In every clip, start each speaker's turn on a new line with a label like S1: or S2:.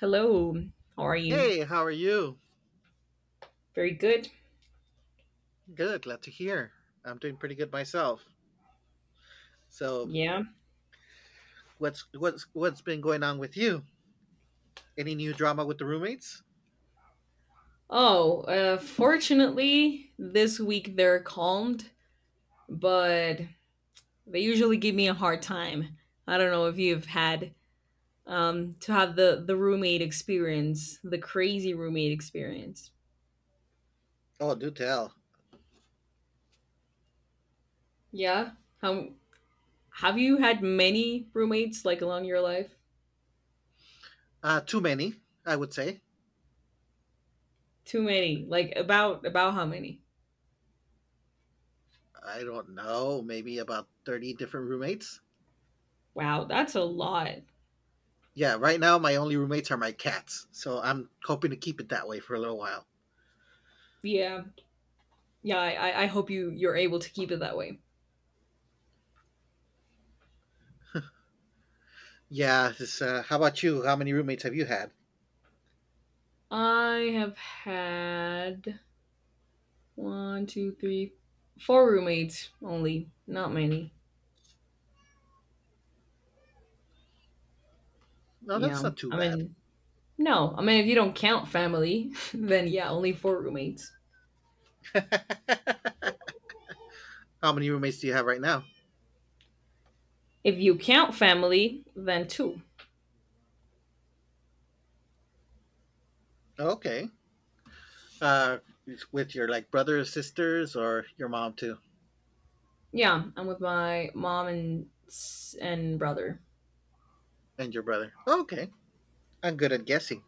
S1: Hello. How are you?
S2: Hey, how are you?
S1: Very good.
S2: Good, glad to hear. I'm doing pretty good myself. So,
S1: Yeah.
S2: what's been going on with you? Any new drama with the roommates?
S1: Oh, fortunately, this week they're calmed, but they usually give me a hard time. I don't know if you've had to have the roommate experience, the crazy roommate experience.
S2: Oh, do tell.
S1: Yeah. How have you had many roommates like along your life?
S2: Too many, I would say.
S1: Too many. Like about how many?
S2: I don't know, maybe about 30 different roommates.
S1: Wow, that's a lot.
S2: Yeah, right now my only roommates are my cats, so I'm hoping to keep it that way for a little while.
S1: Yeah. Yeah. I hope you're able to keep it that way.
S2: Yeah, how about you? How many roommates have you had?
S1: I have had one, two, three, four roommates only. Not many.
S2: No, that's
S1: Yeah.
S2: not too
S1: I
S2: bad.
S1: mean, no. I mean, if you don't count family, then yeah, only four roommates.
S2: How many roommates do you have right now?
S1: If you count family, then two.
S2: Okay. Uh, with your like brother or sisters or your mom too
S1: Yeah, I'm with my mom and and brother.
S2: and your brother. Okay, I'm good at guessing.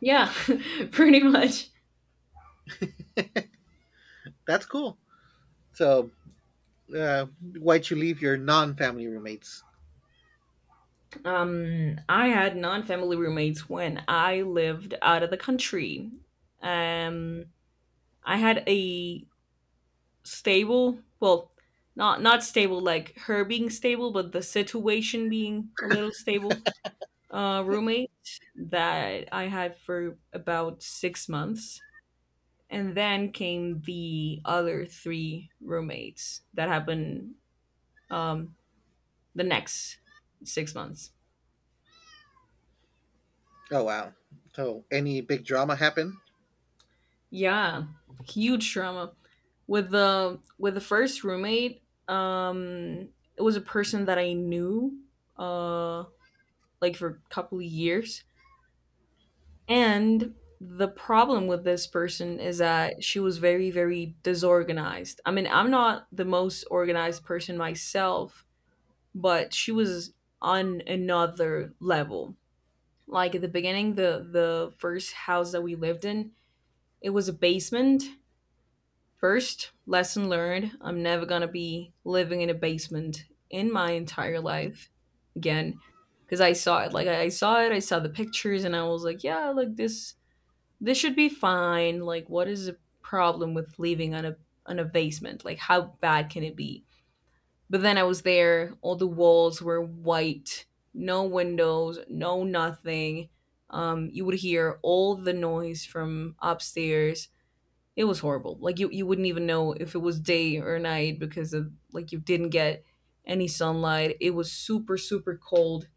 S1: Yeah, pretty much.
S2: That's cool. So, uh, why'd you leave your non-family roommates?
S1: I had non-family roommates when I lived out of the country. I had a stable. Well, not stable like her being stable, but the situation being a little stable. Roommate that I had for about 6 months, and then came the other three roommates that happened um, the next 6 months.
S2: Oh wow. So, any big drama happen?
S1: Yeah, huge trauma with the first roommate. It was a person that I knew uh, like for a couple of years. And the problem with this person is that she was very, very disorganized. I mean, I'm not the most organized person myself, but she was on another level. Like at the beginning, the first house that we lived in, it was a basement. First lesson learned, I'm never gonna be living in a basement in my entire life again. Because I saw it, like I saw it, I saw the pictures, and I was like, yeah, like this should be fine. Like, what is the problem with living on a basement? Like, how bad can it be? But then I was there. All the walls were white, no windows, no nothing. You would hear all the noise from upstairs. It was horrible. Like you wouldn't even know if it was day or night, because of like you didn't get any sunlight. It was super, super cold.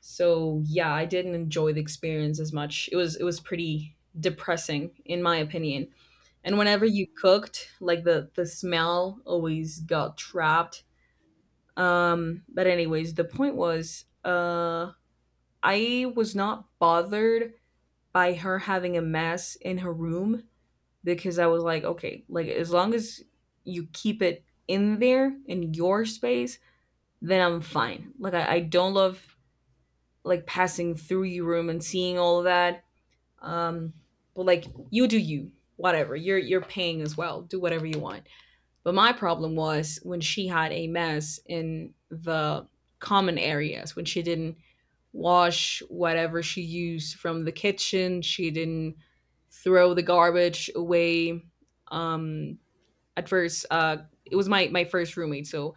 S1: So yeah, I didn't enjoy the experience as much. It was pretty depressing in my opinion. And whenever you cooked, like the smell always got trapped. But anyways, the point was I was not bothered by her having a mess in her room, because I was like, okay, like as long as you keep it in there in your space, then I'm fine. Like I don't love like passing through your room and seeing all of that. Um, but like you do you, whatever. You're paying as well. Do whatever you want. But my problem was when she had a mess in the common areas, when she didn't wash whatever she used from the kitchen. She didn't throw the garbage away. Um, at first it was my first roommate, so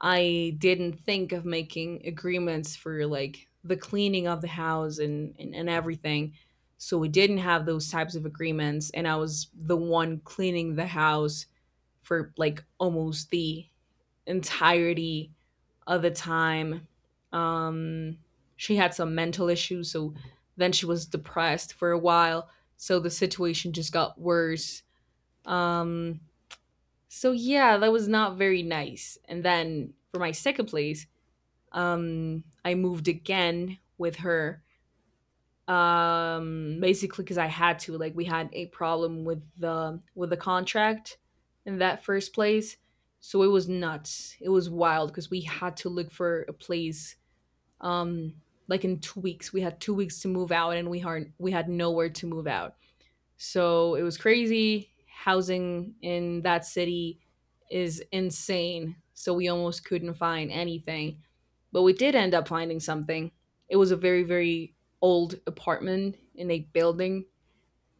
S1: I didn't think of making agreements for like the cleaning of the house, and and everything. So we didn't have those types of agreements, and I was the one cleaning the house for like almost the entirety of the time. um she had some mental issues, so then she was depressed for a while, so the situation just got worse. um so yeah, that was not very nice. And then for my second place, I moved again with her. Basically because I had to. Like we had a problem with the contract in that first place. So it was nuts. It was wild because we had to look for a place um like in 2 weeks. We had 2 weeks to move out, and we had nowhere to move out. So it was crazy. Housing in that city is insane. So we almost couldn't find anything. But we did end up finding something. It was a very, very old apartment in a building.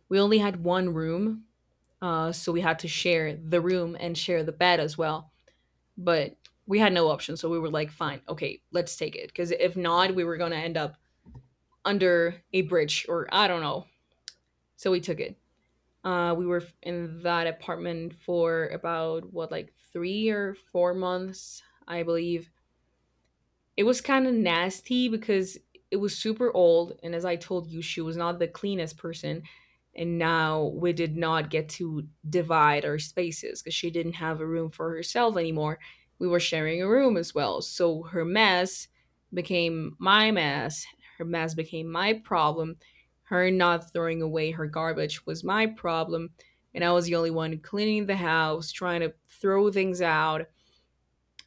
S1: We only had one room. So we had to share the room and share the bed as well. But we had no option. So we were like, fine, okay, let's take it. Because if not, we were going to end up under a bridge or I don't know. So we took it. In that apartment for about what, like 3 or 4 months, I believe it was kind of nasty because it was super old, and as I told you, she was not the cleanest person. And now we did not get to divide our spaces because she didn't have a room for herself anymore. We were sharing a room as well, so her mess became my mess, her mess became my problem, her not throwing away her garbage was my problem, and I was the only one cleaning the house, trying to throw things out.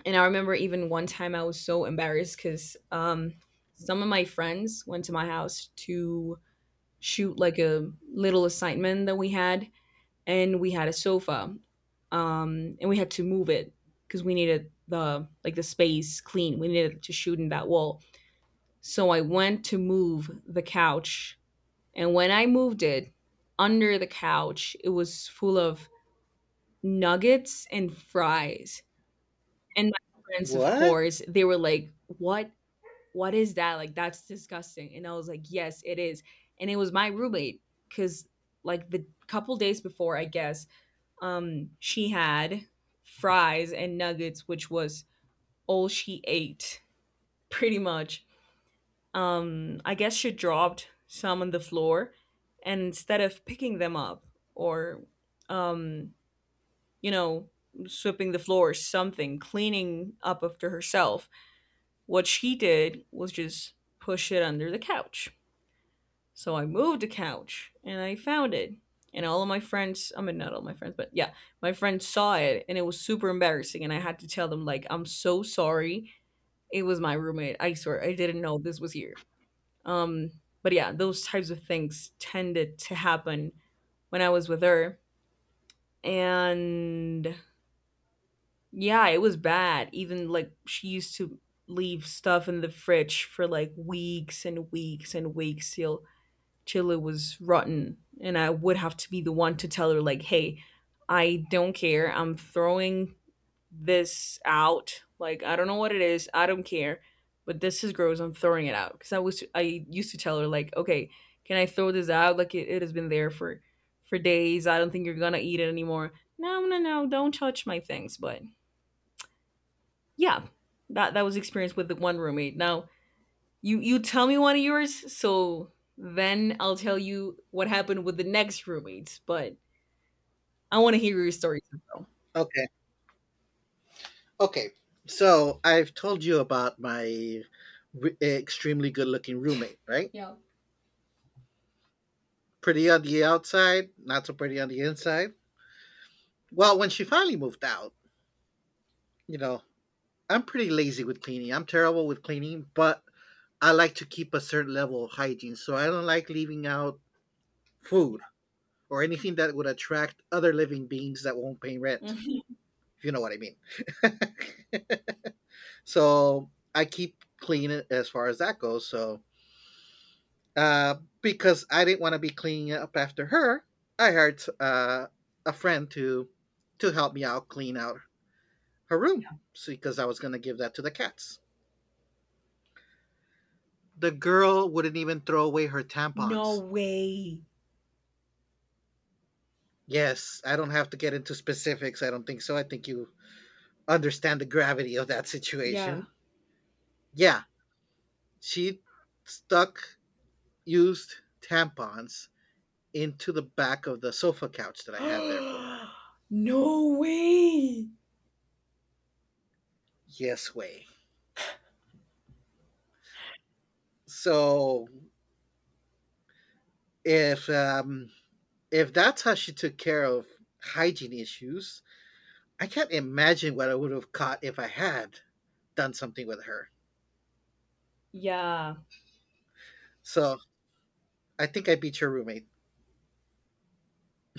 S1: And I remember even one time I was so embarrassed because some of my friends went to my house to shoot like a little assignment that we had, and we had a sofa, and we had to move it because we needed the like the space clean. We needed to shoot in that wall. So I went to move the couch, and when I moved it under the couch, it was full of nuggets and fries. And my friends, of
S2: What?
S1: course, they were like, what is that? Like, that's disgusting." And I was like, yes, it is. And it was my roommate because, like, the couple days before, I guess, she had fries and nuggets, which was all she ate, pretty much. I guess she dropped some on the floor, and instead of picking them up or, um, you know, sweeping the floor or something, cleaning up after herself, what she did was just push it under the couch. So I moved a couch and I found it. And all of my friends, I mean, not all my friends, but yeah, my friends saw it and it was super embarrassing. And I had to tell them, like, I'm so sorry. It was my roommate. I swear, I didn't know this was here. Um, but yeah, those types of things tended to happen when I was with her. And yeah, it was bad. Even like she used to leave stuff in the fridge for like weeks and weeks and weeks, till Chile was rotten, and I would have to be the one to tell her like, "Hey, I don't care. I'm throwing this out. Like, I don't know what it is. I don't care, but this is gross. I'm throwing it out." Cuz I used to tell her like, "Okay, can I throw this out? Like it has been there for days. I don't think you're going to eat it anymore." No, no, no. Don't touch my things, but yeah. That was experience with the one roommate. Now you tell me one of yours, so then I'll tell you what happened with the next roommates. But I want to hear your stories as well.
S2: Okay. Okay. So, I've told you about my extremely good-looking roommate, right? Pretty on the outside, not so pretty on the inside. Well, when she finally moved out, you know, I'm pretty lazy with cleaning. I'm terrible with cleaning, but I like to keep a certain level of hygiene, so I don't like leaving out food or anything that would attract other living beings that won't pay rent, if you know what I mean. So I keep clean as far as that goes. So uh, because I didn't want to be cleaning up after her, I hired a friend to help me out clean out her room because I was going to give that to the cats. The girl wouldn't even throw away her
S1: No
S2: tampons.
S1: way.
S2: Yes, I don't have to get into specifics. I don't think so. I think you understand the gravity of that situation.
S1: Yeah.
S2: Yeah, she stuck used tampons into the back of the sofa couch that I had there for her.
S1: No way.
S2: Yes, way. So if um, if that's how she took care of hygiene issues, I can't imagine what I would have caught if I had done something with her.
S1: Yeah.
S2: So I think I beat your roommate.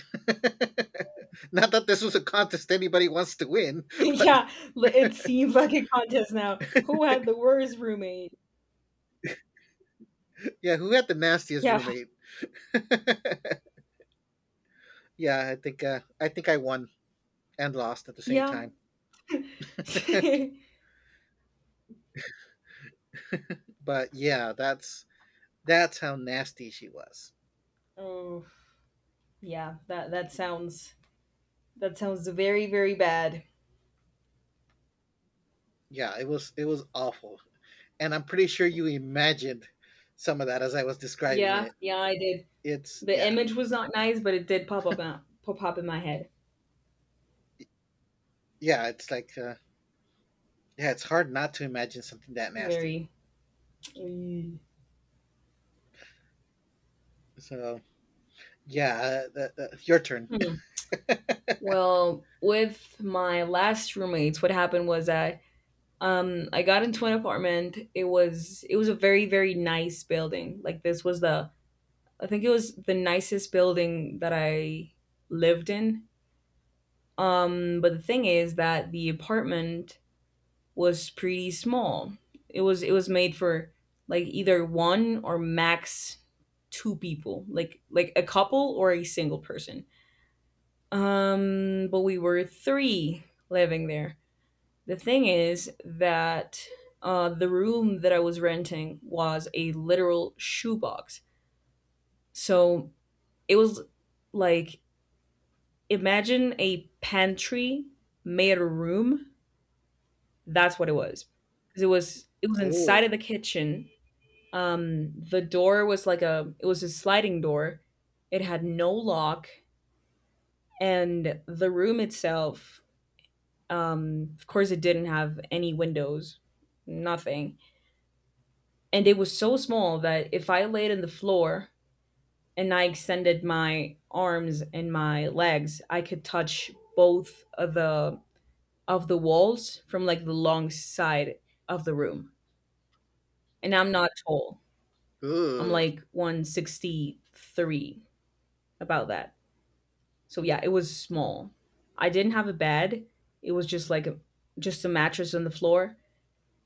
S2: Not that this was a contest anybody wants to win.
S1: Yeah. It seems like a contest now. Who had the worst roommate?
S2: Yeah, who had the nastiest
S1: Yeah.
S2: roommate? Yeah, I think I won and lost at the same
S1: Yeah.
S2: time. But yeah, that's how nasty she was.
S1: Oh, yeah. That sounds, that sounds very very bad.
S2: Yeah, it was awful. And I'm pretty sure you imagined some of that as I was describing
S1: Yeah.
S2: it.
S1: Yeah, I did.
S2: It's
S1: The
S2: Yeah.
S1: image was not nice, but it did pop up out, pop up in my head.
S2: Yeah, it's like yeah, it's hard not to imagine something that nasty.
S1: Very. Mm.
S2: So, yeah, your turn.
S1: Hmm. Well, with my last roommates, what happened was that I got into an apartment. It was a very very nice building. Like this was the, I think it was the nicest building that I lived in. But the thing is that the apartment was pretty small. It was made for like either one or max two people, like a couple or a single person. But we were three living there. The thing is that the room that I was renting was a literal shoebox. So it was like imagine a pantry made a room. That's what it was. 'Cause it was
S2: Ooh,
S1: inside of the kitchen. The door was like a, it was a sliding door. It had no lock. And the room itself, of course, it didn't have any windows, nothing. And it was so small that if I laid on the floor and I extended my arms and my legs, I could touch both of the, of the walls from like the long side of the room. And I'm not tall. I'm
S2: ooh.
S1: like 163, about that. So yeah, it was small. I didn't have a bed. It was just like a, just a mattress on the floor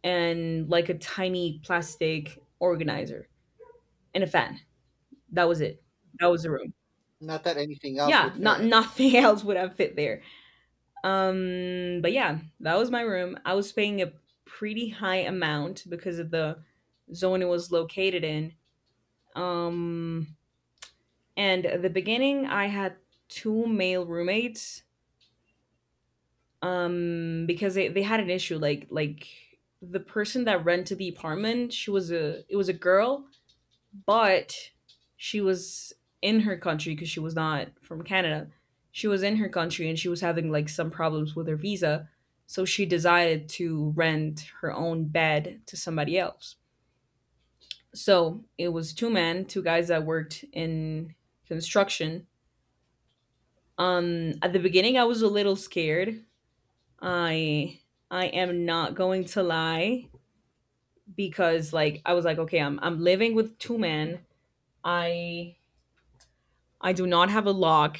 S1: and like a tiny plastic organizer and a fan. That was it. That was the room.
S2: Not that anything else
S1: Yeah,
S2: would
S1: not
S2: fit.
S1: nothing else would have fit there. But yeah, that was my room. I was paying a pretty high amount because of the zone it was located in. Um, and at the beginning, I had two male roommates because they had an issue like the person that rented the apartment, she was a, it was a girl, but she was in her country because she was not from Canada. She was in her country and she was having like some problems with her visa, so she decided to rent her own bed to somebody else. So it was two men, two guys that worked in construction. At the beginning I was a little scared, I I am not going to lie, because like I was like, okay, I'm living with two men. I I do not have a lock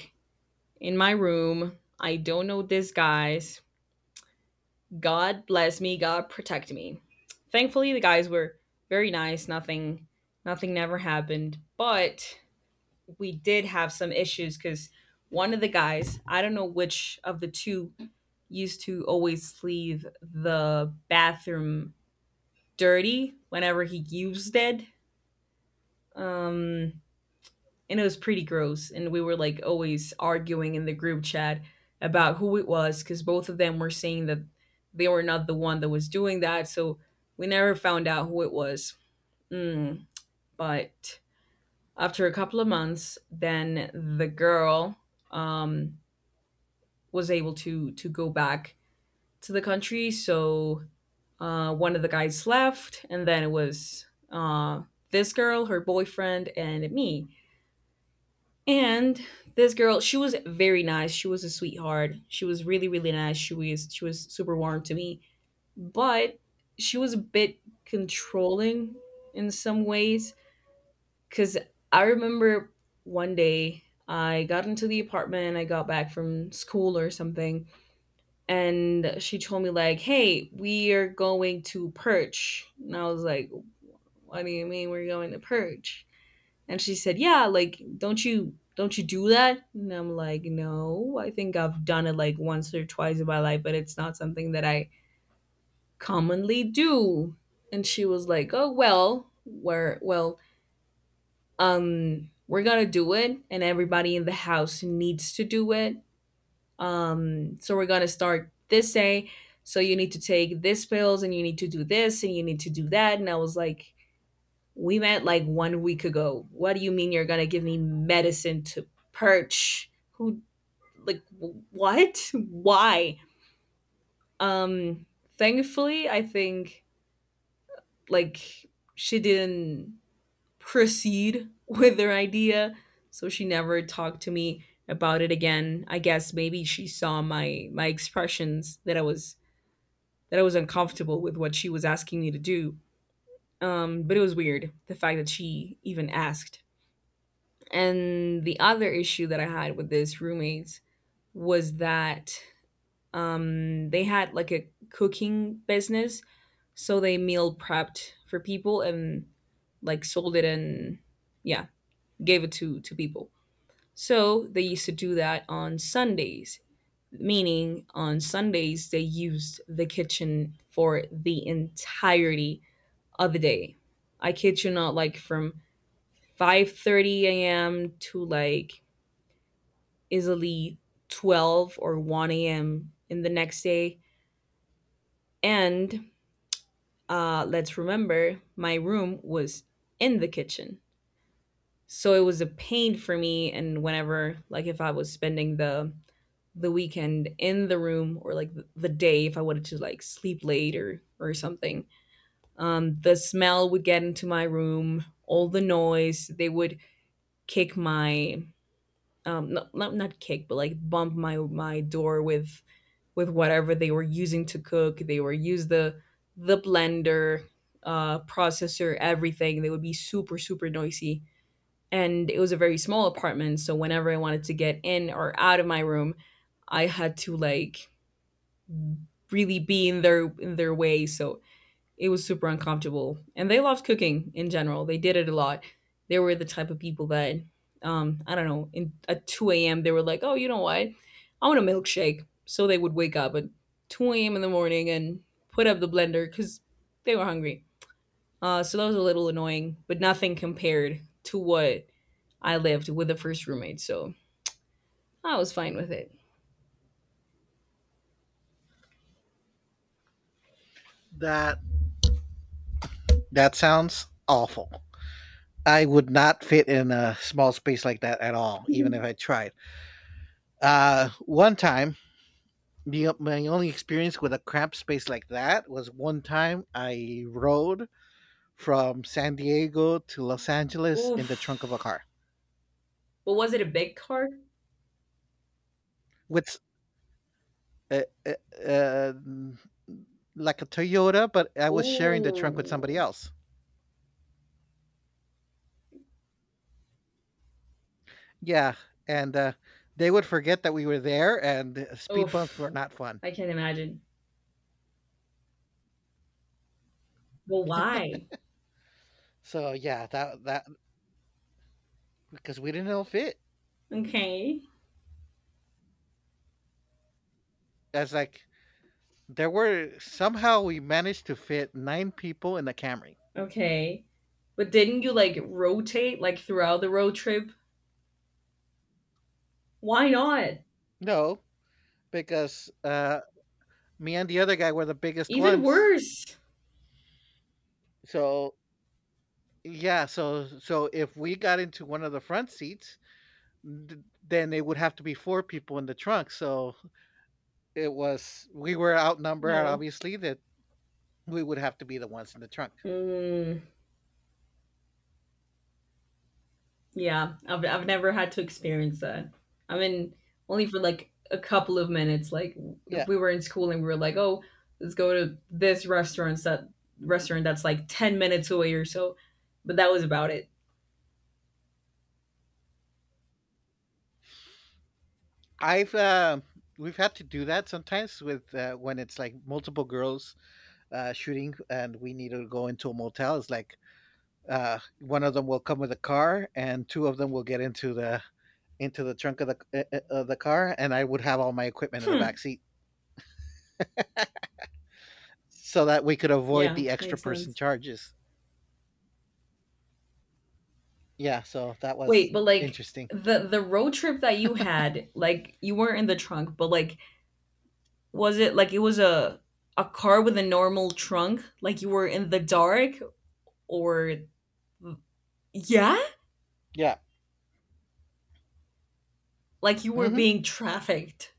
S1: in my room. I don't know these guys. God bless me. God protect me. Thankfully, the guys were very nice. Nothing never happened, but we did have some issues cuz one of the guys, I don't know which of the two, used to always leave the bathroom dirty whenever he used it. Um, and it was pretty gross. And we were like always arguing in the group chat about who it was, because both of them were saying that they were not the one that was doing that. So we never found out who it was. Mm, but after a couple of months, then the girl, um, was able to go back to the country. So one of the guys left, and then it was this girl, her boyfriend, and me. And this girl, she was very nice. She was a sweetheart. She was really, really nice. She was super warm to me, but she was a bit controlling in some ways. Cause I remember one day I got into the apartment. I got back from school or something, and she told me like, "Hey, we are going to Perch," and I was like, what do you mean we're going to purge? And she said, yeah, like, don't you do that? And I'm like, no, I think I've done it like once or twice in my life, but it's not something that I commonly do. And she was like, oh well, we're gonna do it, and everybody in the house needs to do it. So we're gonna start this day. So you need to take this pills, and you need to do this, and you need to do that. And I was like, we met like 1 week ago. What do you mean you're gonna give me medicine to perch? Who like what? Why? Um thankfully I think like she didn't proceed with her idea, so she never talked to me about it again. I guess maybe she saw my expressions that I was uncomfortable with what she was asking me to do. But it was weird the fact that she even asked. And the other issue that I had with this roommates was that they had like a cooking business, so they meal prepped for people and like sold it and yeah, gave it to people. So they used to do that on Sundays, meaning on Sundays they used the kitchen for the entirety of the day. I kid you not, like from 5:30 a.m. to like easily 12 or 1 a.m. in the next day. And let's remember, my room was in the kitchen. So it was a pain for me. And whenever, like, if I was spending the weekend in the room or like the day, if I wanted to like sleep late or something, the smell would get into my room, all the noise. They would kick my, not, not not kick, but like bump my door with whatever they were using to cook. They were use the blender, processor, everything. They would be super super noisy, and it was a very small apartment, so whenever I wanted to get in or out of my room, I had to like really be in their way. So it was super uncomfortable. And they loved cooking in general. They did it a lot. They were the type of people that, I don't know, in at 2 a.m. they were like, "Oh, you know what? I want a milkshake." So they would wake up at 2 a.m. in the morning and put up the blender because they were hungry. So that was a little annoying, but nothing compared to what I lived with the first roommate. So I was fine with it.
S2: That that sounds awful. I would not fit in a small space like that at all, even if I tried. One time, my only experience with a cramped space like that was one time I rode from San Diego to Los Angeles in the trunk of a
S1: Oof.
S2: car
S1: But was it a big car?
S2: with uh, uh, uh, like a Toyota, but I was sharing the trunk with somebody
S1: Ooh.
S2: else. Yeah, and they would forget that we were there, and speed bumps were
S1: Oof.
S2: not fun.
S1: I can't imagine. Well, why?
S2: So yeah, that because we didn't all fit.
S1: Okay.
S2: As like there were somehow we managed to fit nine people in the Camry.
S1: Okay. But didn't you like rotate like throughout the road trip? Why not?
S2: No, because me and the other guy were the biggest
S1: Even
S2: ones.
S1: worse.
S2: So yeah, so if we got into one of the front seats, th- then it would have to be four people in the trunk. So it was we were outnumbered
S1: Oh.
S2: obviously that we would have to be the ones in the trunk.
S1: Mm, yeah, I've never had to experience that. I mean, only for like a couple of minutes. Like
S2: Yeah.
S1: if we were in school and we were like, oh, let's go to this restaurant that restaurant that's like 10 minutes away or so. But that was about it.
S2: I've We've had to do that sometimes with when it's like multiple girls shooting and we need to go into a motel. It's like one of them will come with a car and two of them will get into the trunk of the car, and I would have all my equipment in the back seat so that we could avoid
S1: Yeah,
S2: the extra
S1: makes
S2: person
S1: sense.
S2: charges. Yeah, so that was
S1: Wait, but like
S2: interesting.
S1: the road trip that you had, like you weren't in the trunk, but like was it like, it was a car with a normal trunk? Like you were in the dark or yeah?
S2: Yeah.
S1: Like you were
S2: Hmm.
S1: being trafficked.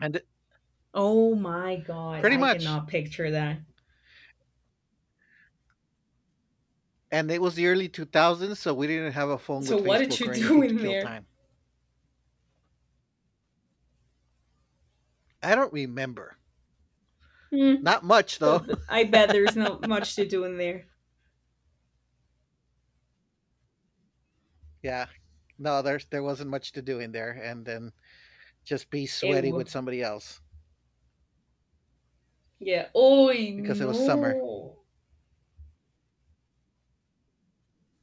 S2: and th-
S1: Oh my god,
S2: Pretty
S1: I
S2: much.
S1: cannot picture that.
S2: And it was the early 2000s, so we didn't have a phone with
S1: So what did
S2: Facebook
S1: you
S2: or
S1: do
S2: anything to
S1: in
S2: kill
S1: there?
S2: time. I don't remember.
S1: Hmm.
S2: Not much though.
S1: I bet there's not much to do in there.
S2: Yeah. No, there wasn't much to do in there. And then just be sweaty
S1: Ew.
S2: with somebody else
S1: Yeah. Oh
S2: because it was summer.
S1: no.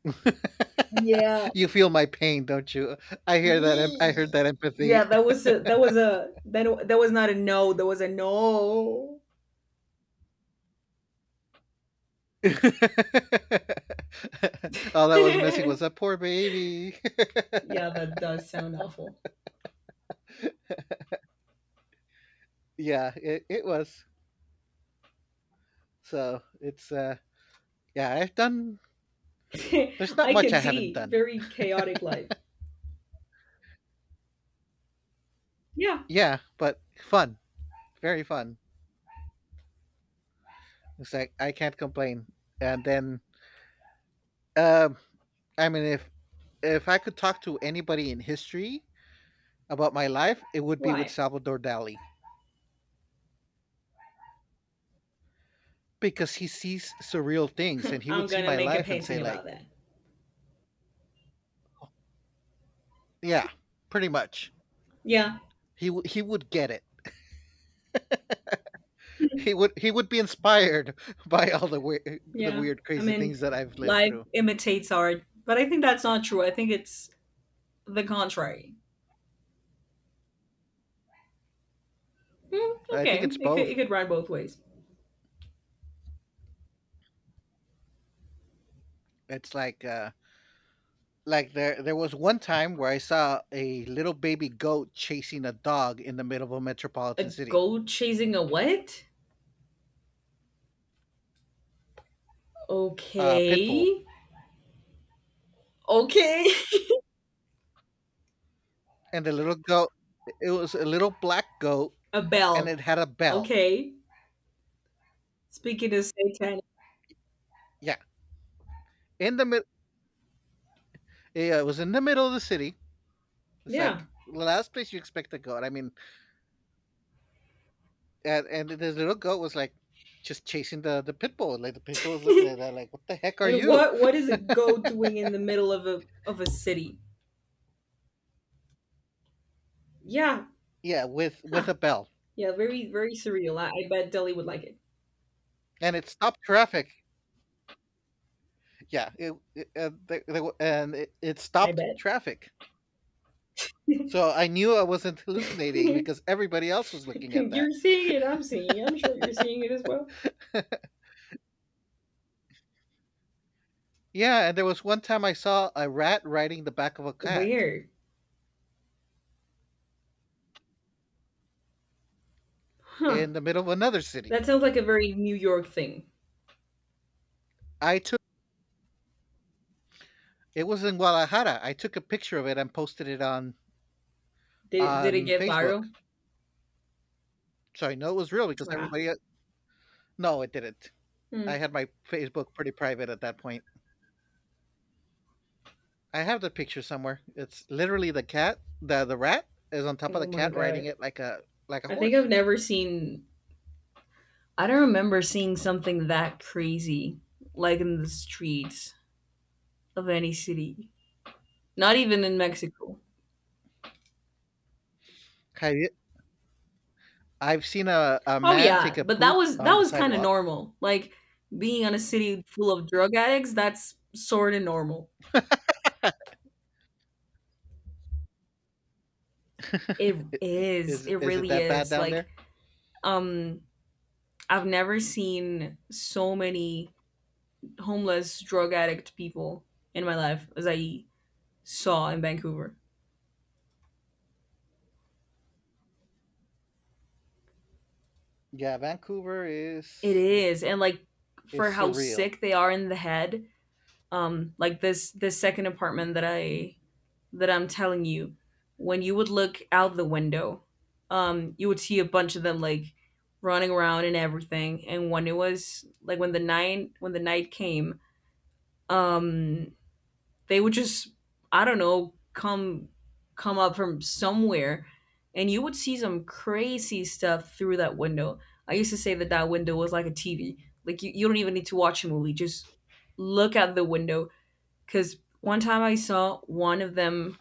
S1: Yeah.
S2: You feel my pain, don't you? I hear that. I heard
S1: Yee.
S2: that empathy.
S1: Yeah, that was a that was not a no. That was a no.
S2: All that was missing
S1: yeah,
S2: was a poor baby.
S1: that does sound awful.
S2: Yeah, it was. So it's yeah. I've done. There's not
S1: I
S2: much
S1: can
S2: I haven't
S1: see
S2: done.
S1: very chaotic life. Yeah,
S2: Yeah, but fun, very fun. It's like I can't complain. And then, um, I mean, if I could talk to anybody in history, about my life, it would be with
S1: why?
S2: Salvador Dali because he sees surreal things and he would
S1: I'm
S2: see
S1: gonna
S2: my
S1: make a
S2: life and say
S1: painting
S2: like,
S1: about that.
S2: yeah, pretty much.
S1: Yeah,
S2: He would get it. He would be inspired by all the weird the
S1: yeah.
S2: weird
S1: I
S2: crazy
S1: mean,
S2: things that I've lived
S1: life
S2: through.
S1: imitates art, but I think that's not true. I think it's the contrary. Hmm,
S2: I
S1: okay,
S2: think it's
S1: it
S2: both.
S1: could run both ways.
S2: It's like there was one time where I saw a little baby goat chasing a dog in the middle of a
S1: A
S2: metropolitan city.
S1: goat chasing a what?
S2: Pit bull.
S1: Okay, okay.
S2: And the little goat, it was a little black goat,
S1: A
S2: and
S1: bell.
S2: it had a bell.
S1: Okay. Speaking of satanic,
S2: Yeah, in the mid, yeah, it was in the middle of the city. It's
S1: yeah.
S2: like the last place you expect a goat. I mean, and this little goat was like just chasing the pit bull. Like the pit bull was looking at that, like, "What the heck are
S1: and
S2: you?"
S1: what is a goat doing in the middle of a city? Yeah.
S2: Yeah, with
S1: Huh.
S2: a bell,
S1: Yeah. Very very surreal. I bet Delhi would like it.
S2: and it stopped traffic. Yeah, it they, w- and it
S1: I
S2: stopped
S1: bet.
S2: traffic. So I knew I wasn't hallucinating because everybody else was looking at that.
S1: you're seeing it. I'm seeing it. I'm sure you're seeing it as well.
S2: Yeah, and there was one time I saw a rat riding the back of a cat
S1: Where? Huh.
S2: in the middle of another city.
S1: That sounds like a very New York thing.
S2: I It was in Guadalajara. I took a picture of it and posted it on
S1: Did it
S2: on
S1: get
S2: Facebook.
S1: viral?
S2: So I know it was real because
S1: Ah.
S2: everybody el No, it didn't.
S1: Hmm.
S2: I had my Facebook pretty private at that point. I have the picture somewhere. It's literally the cat the rat is on top of the
S1: Oh my
S2: cat riding
S1: god.
S2: it like a
S1: I think
S2: horse.
S1: I've never seen. I don't remember seeing something that crazy like in the streets of any city, not even in Mexico.
S2: Have you I've seen a
S1: Oh
S2: man take
S1: yeah,
S2: a
S1: but
S2: poop
S1: that
S2: on the
S1: was kind of
S2: sidewalk.
S1: normal. Like being on a city full of drug addicts, that's sort of normal. It
S2: I
S1: is. It
S2: is it
S1: really
S2: that bad
S1: is.
S2: down
S1: Like
S2: there?
S1: um I've never seen so many homeless drug addict people in my life as I saw in Vancouver.
S2: Yeah, Vancouver
S1: It
S2: is
S1: is. And like
S2: is
S1: for how
S2: surreal.
S1: sick they are in the head, like this second apartment that I that I'm telling you, when you would look out the window, you would see a bunch of them like running around and everything. And when it was like when the night came, um, they would just I don't know come up from somewhere, and you would see some crazy stuff through that window. I used to say that that window was like a TV. Like you don't even need to watch a movie; just look out the window. Because one time I saw one of them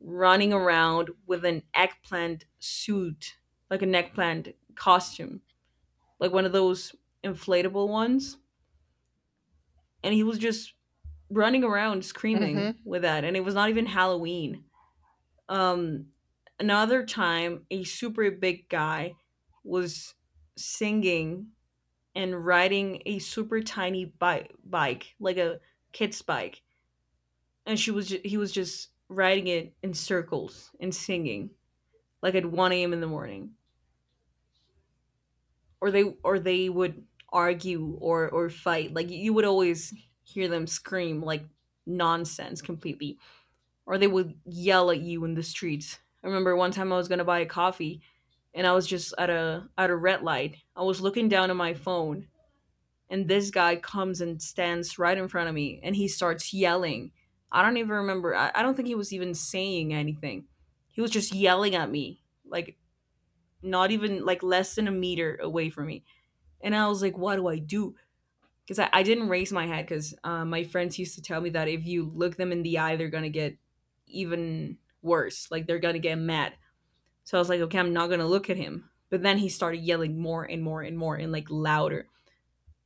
S1: running around with an eggplant suit, like an eggplant costume, like one of those inflatable ones. And he was just running around screaming
S2: Mhm.
S1: with that. And it was not even Halloween. Um, another time, a super big guy was singing and riding a super tiny bike, like a kid's bike. And he was just riding it in circles and singing like at 1 a.m. in the morning. Or they or they would argue or fight. Like you would always hear them scream like nonsense completely, or they would yell at you in the streets. I remember one time I was going to buy a coffee and I was just at a red light. I was looking down at my phone, and this guy comes and stands right in front of me and he starts yelling. I don't even remember, I don't think he was even saying anything. He was just yelling at me like not even like less than a meter away from me. And I was like, what do I do? Because I didn't raise my head, because my friends used to tell me that if you look them in the eye, they're going to get even worse. Like they're going to get mad. So I was like, okay, I'm not going to look at him. But then he started yelling more and more and more and like louder.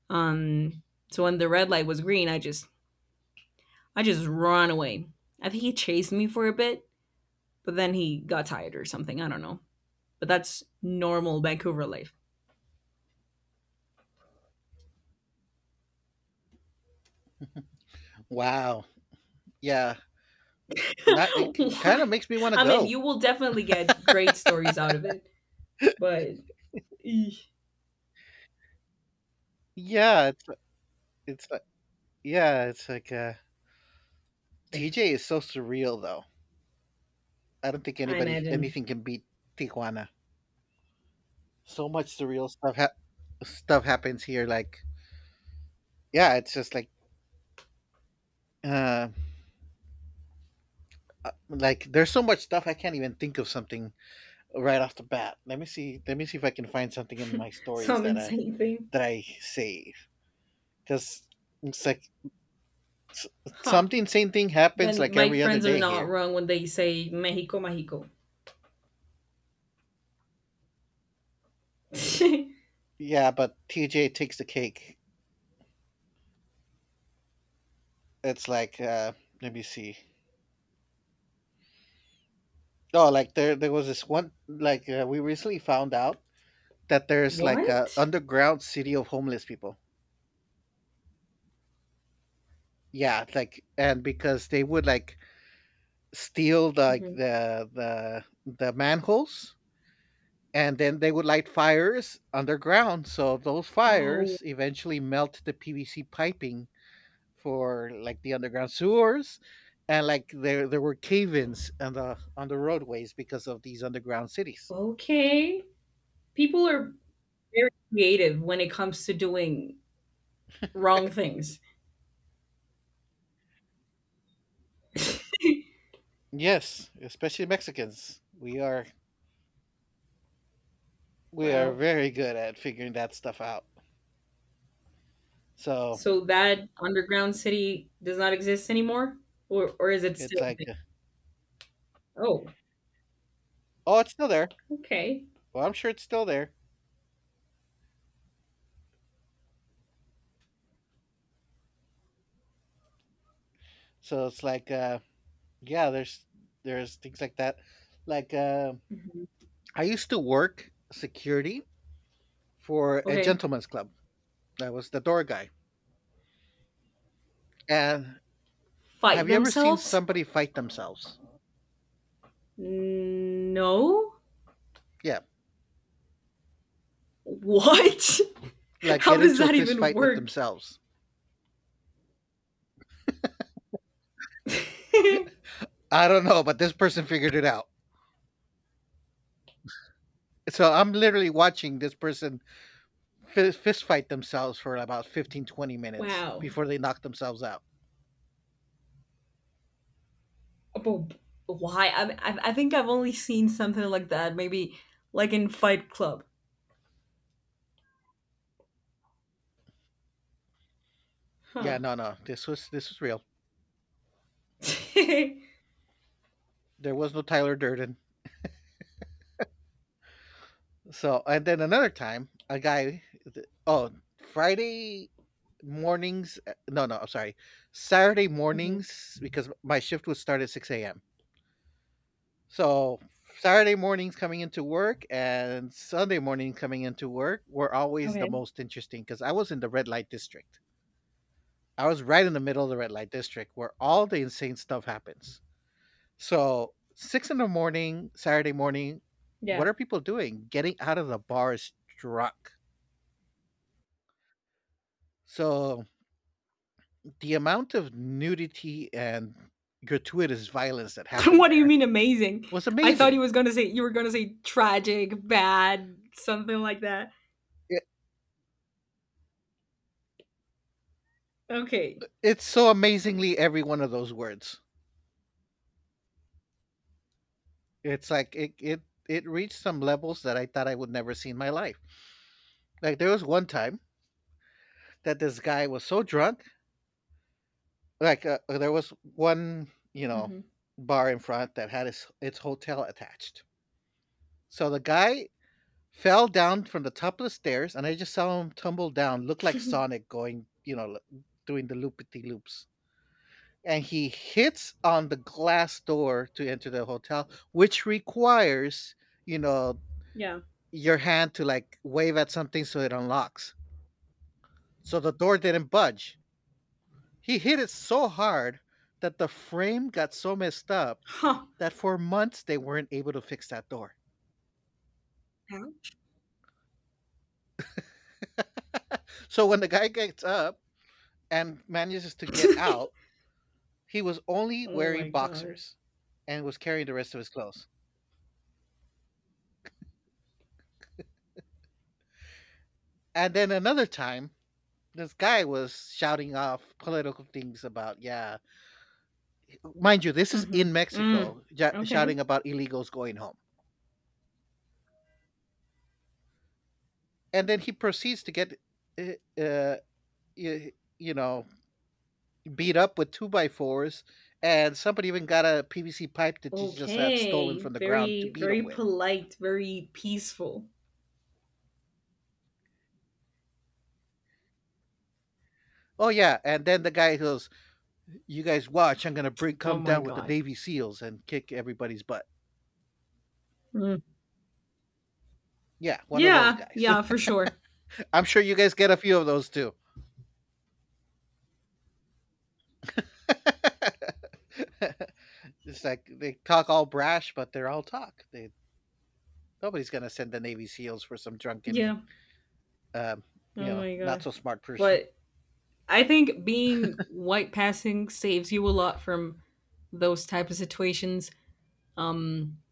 S1: Um, so when the red light was green, I just ran away. I think he chased me for a bit, but then he got tired or something. I don't know. But that's normal Vancouver life.
S2: Wow. Yeah. Not It kinda
S1: Why?
S2: makes me wanna
S1: I mean,
S2: go.
S1: you will definitely get great stories out of it. But eesh,
S2: Yeah, it's like yeah, it's like, uh
S1: yeah,
S2: TJ is so surreal, though. I don't think
S1: I
S2: anybody
S1: imagine
S2: anything can beat Tijuana. So much surreal stuff happens here, like yeah, it's just like, uh, there's so much stuff I can't even think of something right off the bat. Let me see if I can find something in my stories
S1: some
S2: that I
S1: insane thing.
S2: that I save. Cause it's like s
S1: Huh.
S2: something same thing happens,
S1: Then
S2: like,
S1: my
S2: every other
S1: friends are
S2: day
S1: not
S2: here.
S1: wrong when they say Mexico, Mexico.
S2: Yeah, but TJ takes the cake. It's like let me see. Oh, like there was this one like we recently found out that there's like a
S1: What?
S2: underground city of homeless people. Yeah, like and because they would like steal the, like
S1: Mhm.
S2: the the the manholes, and then they would light fires underground. So those
S1: Oh,
S2: fires eventually melt the PVC piping for like the underground sewers, and like there were cave-ins on the roadways because of these underground cities.
S1: okay. People are very creative when it comes to doing wrong things.
S2: Yes, especially Mexicans, we are
S1: Wow.
S2: very good at figuring that stuff out. So
S1: So that underground city does not exist anymore? Or is it
S2: it's
S1: still a
S2: like
S1: thing? Oh,
S2: oh, it's still there.
S1: okay.
S2: Well, I'm sure it's still there. So it's like yeah, there's things like that, like
S1: Mhm.
S2: I used to work security for a
S1: Okay.
S2: gentleman's club. I was the door guy, and
S1: Fight
S2: have you ever seen
S1: themselves?
S2: somebody fight themselves?
S1: No.
S2: Yeah,
S1: What?
S2: like get
S1: How does
S2: into a
S1: that
S2: fist
S1: even
S2: fight with
S1: work?
S2: themselves. I don't know, but this person figured it out. So I'm literally watching this person fist fight themselves for about 15 to 20 minutes
S1: Wow.
S2: before they knock themselves out.
S1: But why? I think I've only seen something like that maybe like in Fight Club.
S2: Yeah,
S1: Huh.
S2: no, no, this was real.
S1: Mm-hmm.
S2: There was no Tyler Durden. So and then another time, a guy. Oh, Friday mornings. No, no, I'm sorry. Saturday mornings because my shift would start at 6 a.m. So Saturday mornings coming into work and Sunday morning coming into work were always the
S1: Okay.
S2: most interesting because I was in the red light district. I was right in the middle of the red light district where all the insane stuff happens. So 6 in the morning, Saturday morning, what
S1: Yeah.
S2: are people doing? Getting out of the bars drunk. So the amount of nudity and gratuitous violence that happened
S1: What do you
S2: there
S1: mean amazing?
S2: was
S1: I thought you
S2: amazing.
S1: was gonna say you were gonna say tragic, bad, something like that.
S2: It,
S1: Okay.
S2: it's so amazingly every one of those words. It's like it reached some levels that I thought I would never see in my life. Like there was one time that this guy was so drunk, like there was one,
S1: Mm-hmm.
S2: bar in front that had its hotel attached. So the guy fell down from the top of the stairs, and I just saw him tumble down, look like Sonic going, you know, doing the loopity loops. And he hits on the glass door to enter the hotel, which requires, you know,
S1: Yeah.
S2: your hand to like wave at something so it unlocks. So the door didn't budge. He hit it so hard that the frame got so messed up
S1: Huh.
S2: that for months they weren't able to fix that door. So when the guy gets up and manages to get out, he was only
S1: Oh
S2: wearing
S1: my god.
S2: boxers and was carrying the rest of his clothes. And then another time, this guy was shouting off political things about, yeah, mind you, this is
S1: Mm-hmm.
S2: in
S1: Mm.
S2: Mexico,
S1: Okay.
S2: shouting about illegals going home. And then he proceeds to get uh, uh y- you know beat up with two by fours, and somebody even got a PVC pipe that he just had stolen
S1: Okay.
S2: from the ground to
S1: Very,
S2: beat him
S1: very
S2: with.
S1: polite, very peaceful.
S2: Oh yeah, and then the guy goes, you guys watch, I'm gonna bring
S1: Oh
S2: come
S1: my
S2: down with the
S1: god.
S2: Navy SEALs and kick everybody's butt.
S1: Mm.
S2: Yeah, one of those
S1: Yeah,
S2: guys.
S1: yeah, for sure.
S2: I'm sure you guys get a few of those too. It's like they talk all brash, but they're all talk. They Nobody's gonna send the Navy SEALs for some drunken,
S1: Yeah.
S2: um,
S1: Oh my
S2: not
S1: god.
S2: so smart person.
S1: But I think being white passing saves you a lot from those type of situations.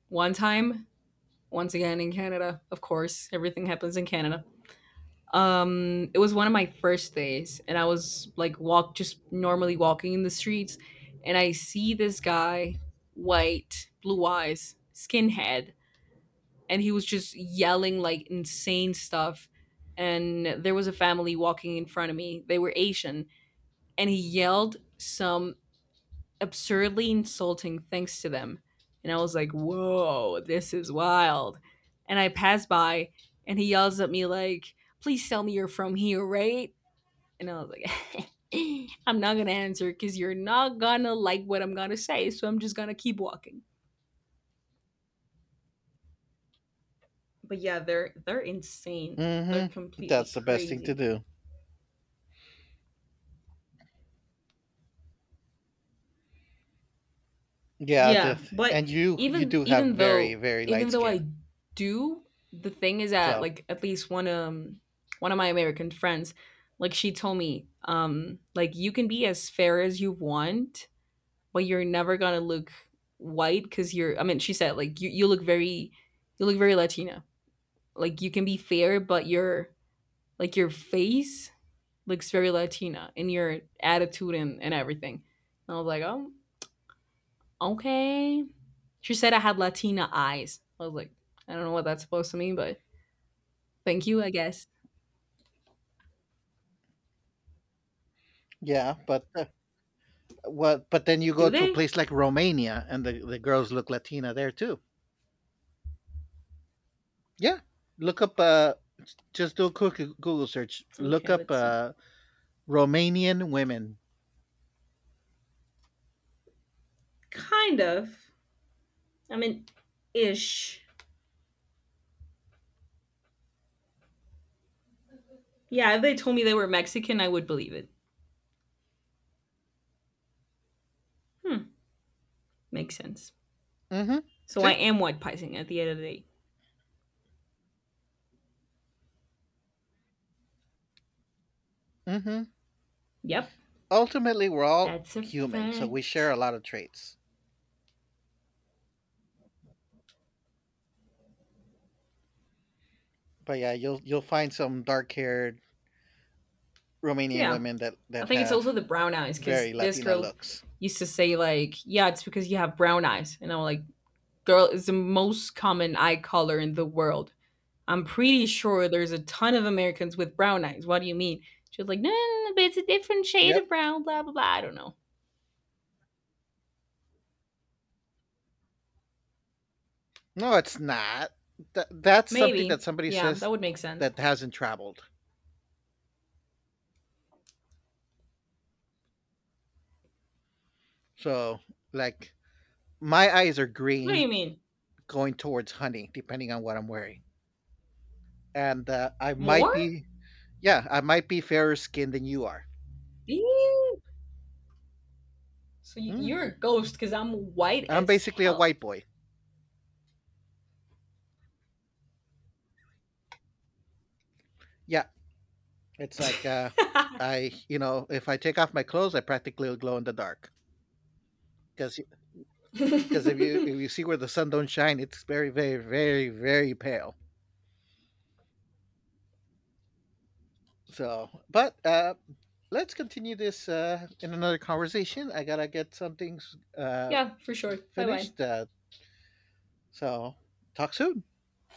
S1: One time, once again in Canada, of course, everything happens in Canada. It was one of my first days and I was like walk just normally walking in the streets, and I see this guy, white, blue eyes, skinhead, and he was just yelling like insane stuff. And there was a family walking in front of me. They were Asian, and he yelled some absurdly insulting things to them. And I was like, whoa, this is wild. And I passed by, and he yells at me like, please tell me you're from here, right? And I was like, I'm not gonna answer because you're not gonna like what I'm gonna say, so I'm just gonna keep walking. But yeah, they're insane. They're
S2: Mm-hmm.
S1: completely
S2: That's the best thing to
S1: crazy.
S2: do. Yeah,
S1: Yeah, but
S2: and you
S1: even
S2: do have
S1: even
S2: very
S1: though
S2: very light
S1: even though
S2: skin.
S1: I do, the thing is that
S2: So
S1: like at least one of my American friends, like she told me, like you can be as fair as you want, but you're never gonna look white because you're I mean, she said like you look very Latina. Like you can be fair, but your like your face looks very Latina in your attitude and everything. And I was like, oh, okay. She said I had Latina eyes. I was like, I don't know what that's supposed to mean, but thank you, I guess.
S2: yeah, but what? But then you go
S1: Do
S2: to a
S1: they?
S2: place like Romania, and the girls look Latina there too. Yeah, look up. Just do a quick Google search. Look
S1: Okay,
S2: up
S1: let's see.
S2: Romanian women.
S1: Kind of. I mean, ish. Yeah, if they told me they were Mexican, I would believe it. Hmm, makes sense.
S2: Mm-hmm.
S1: So I
S2: See.
S1: am white picing at the end of the day.
S2: Mm-hmm.
S1: Yep.
S2: Ultimately, we're all
S1: That's a
S2: human, so we share a
S1: fact.
S2: lot of traits. But yeah, you'll find some dark haired Romanian
S1: Yeah.
S2: women that
S1: I
S2: that
S1: think it's
S2: have
S1: also the brown eyes because
S2: very
S1: this
S2: Latina
S1: girl
S2: looks.
S1: used to say like, "Yeah, it's because you have brown eyes," and I'm like, "Girl, it's the most common eye color in the world. I'm pretty sure there's a ton of Americans with brown eyes. What do you mean?" She was like, "No, no, no, no, but it's a different shade
S2: Yep.
S1: of brown. Blah blah blah. I don't know.
S2: No, it's not. That's something that
S1: Maybe.
S2: somebody
S1: Yeah,
S2: says
S1: that would make sense.
S2: that hasn't traveled. So, like, my eyes are
S1: What do
S2: green
S1: you mean?
S2: going towards honey, depending on what I'm wearing. And I might
S1: More?
S2: be, yeah, I might be fairer skinned than you are.
S1: Ew. So
S2: hmm
S1: you're a ghost because I'm white
S2: I'm
S1: as
S2: basically a
S1: hell."
S2: white boy. Yeah. It's like, if I take off my clothes, I practically glow in the dark because because if you see where the sun don't shine, it's very very very very pale. So, but let's continue this in another conversation. I gotta get some things
S1: Yeah, for sure. Bye bye.
S2: finished. So, talk soon.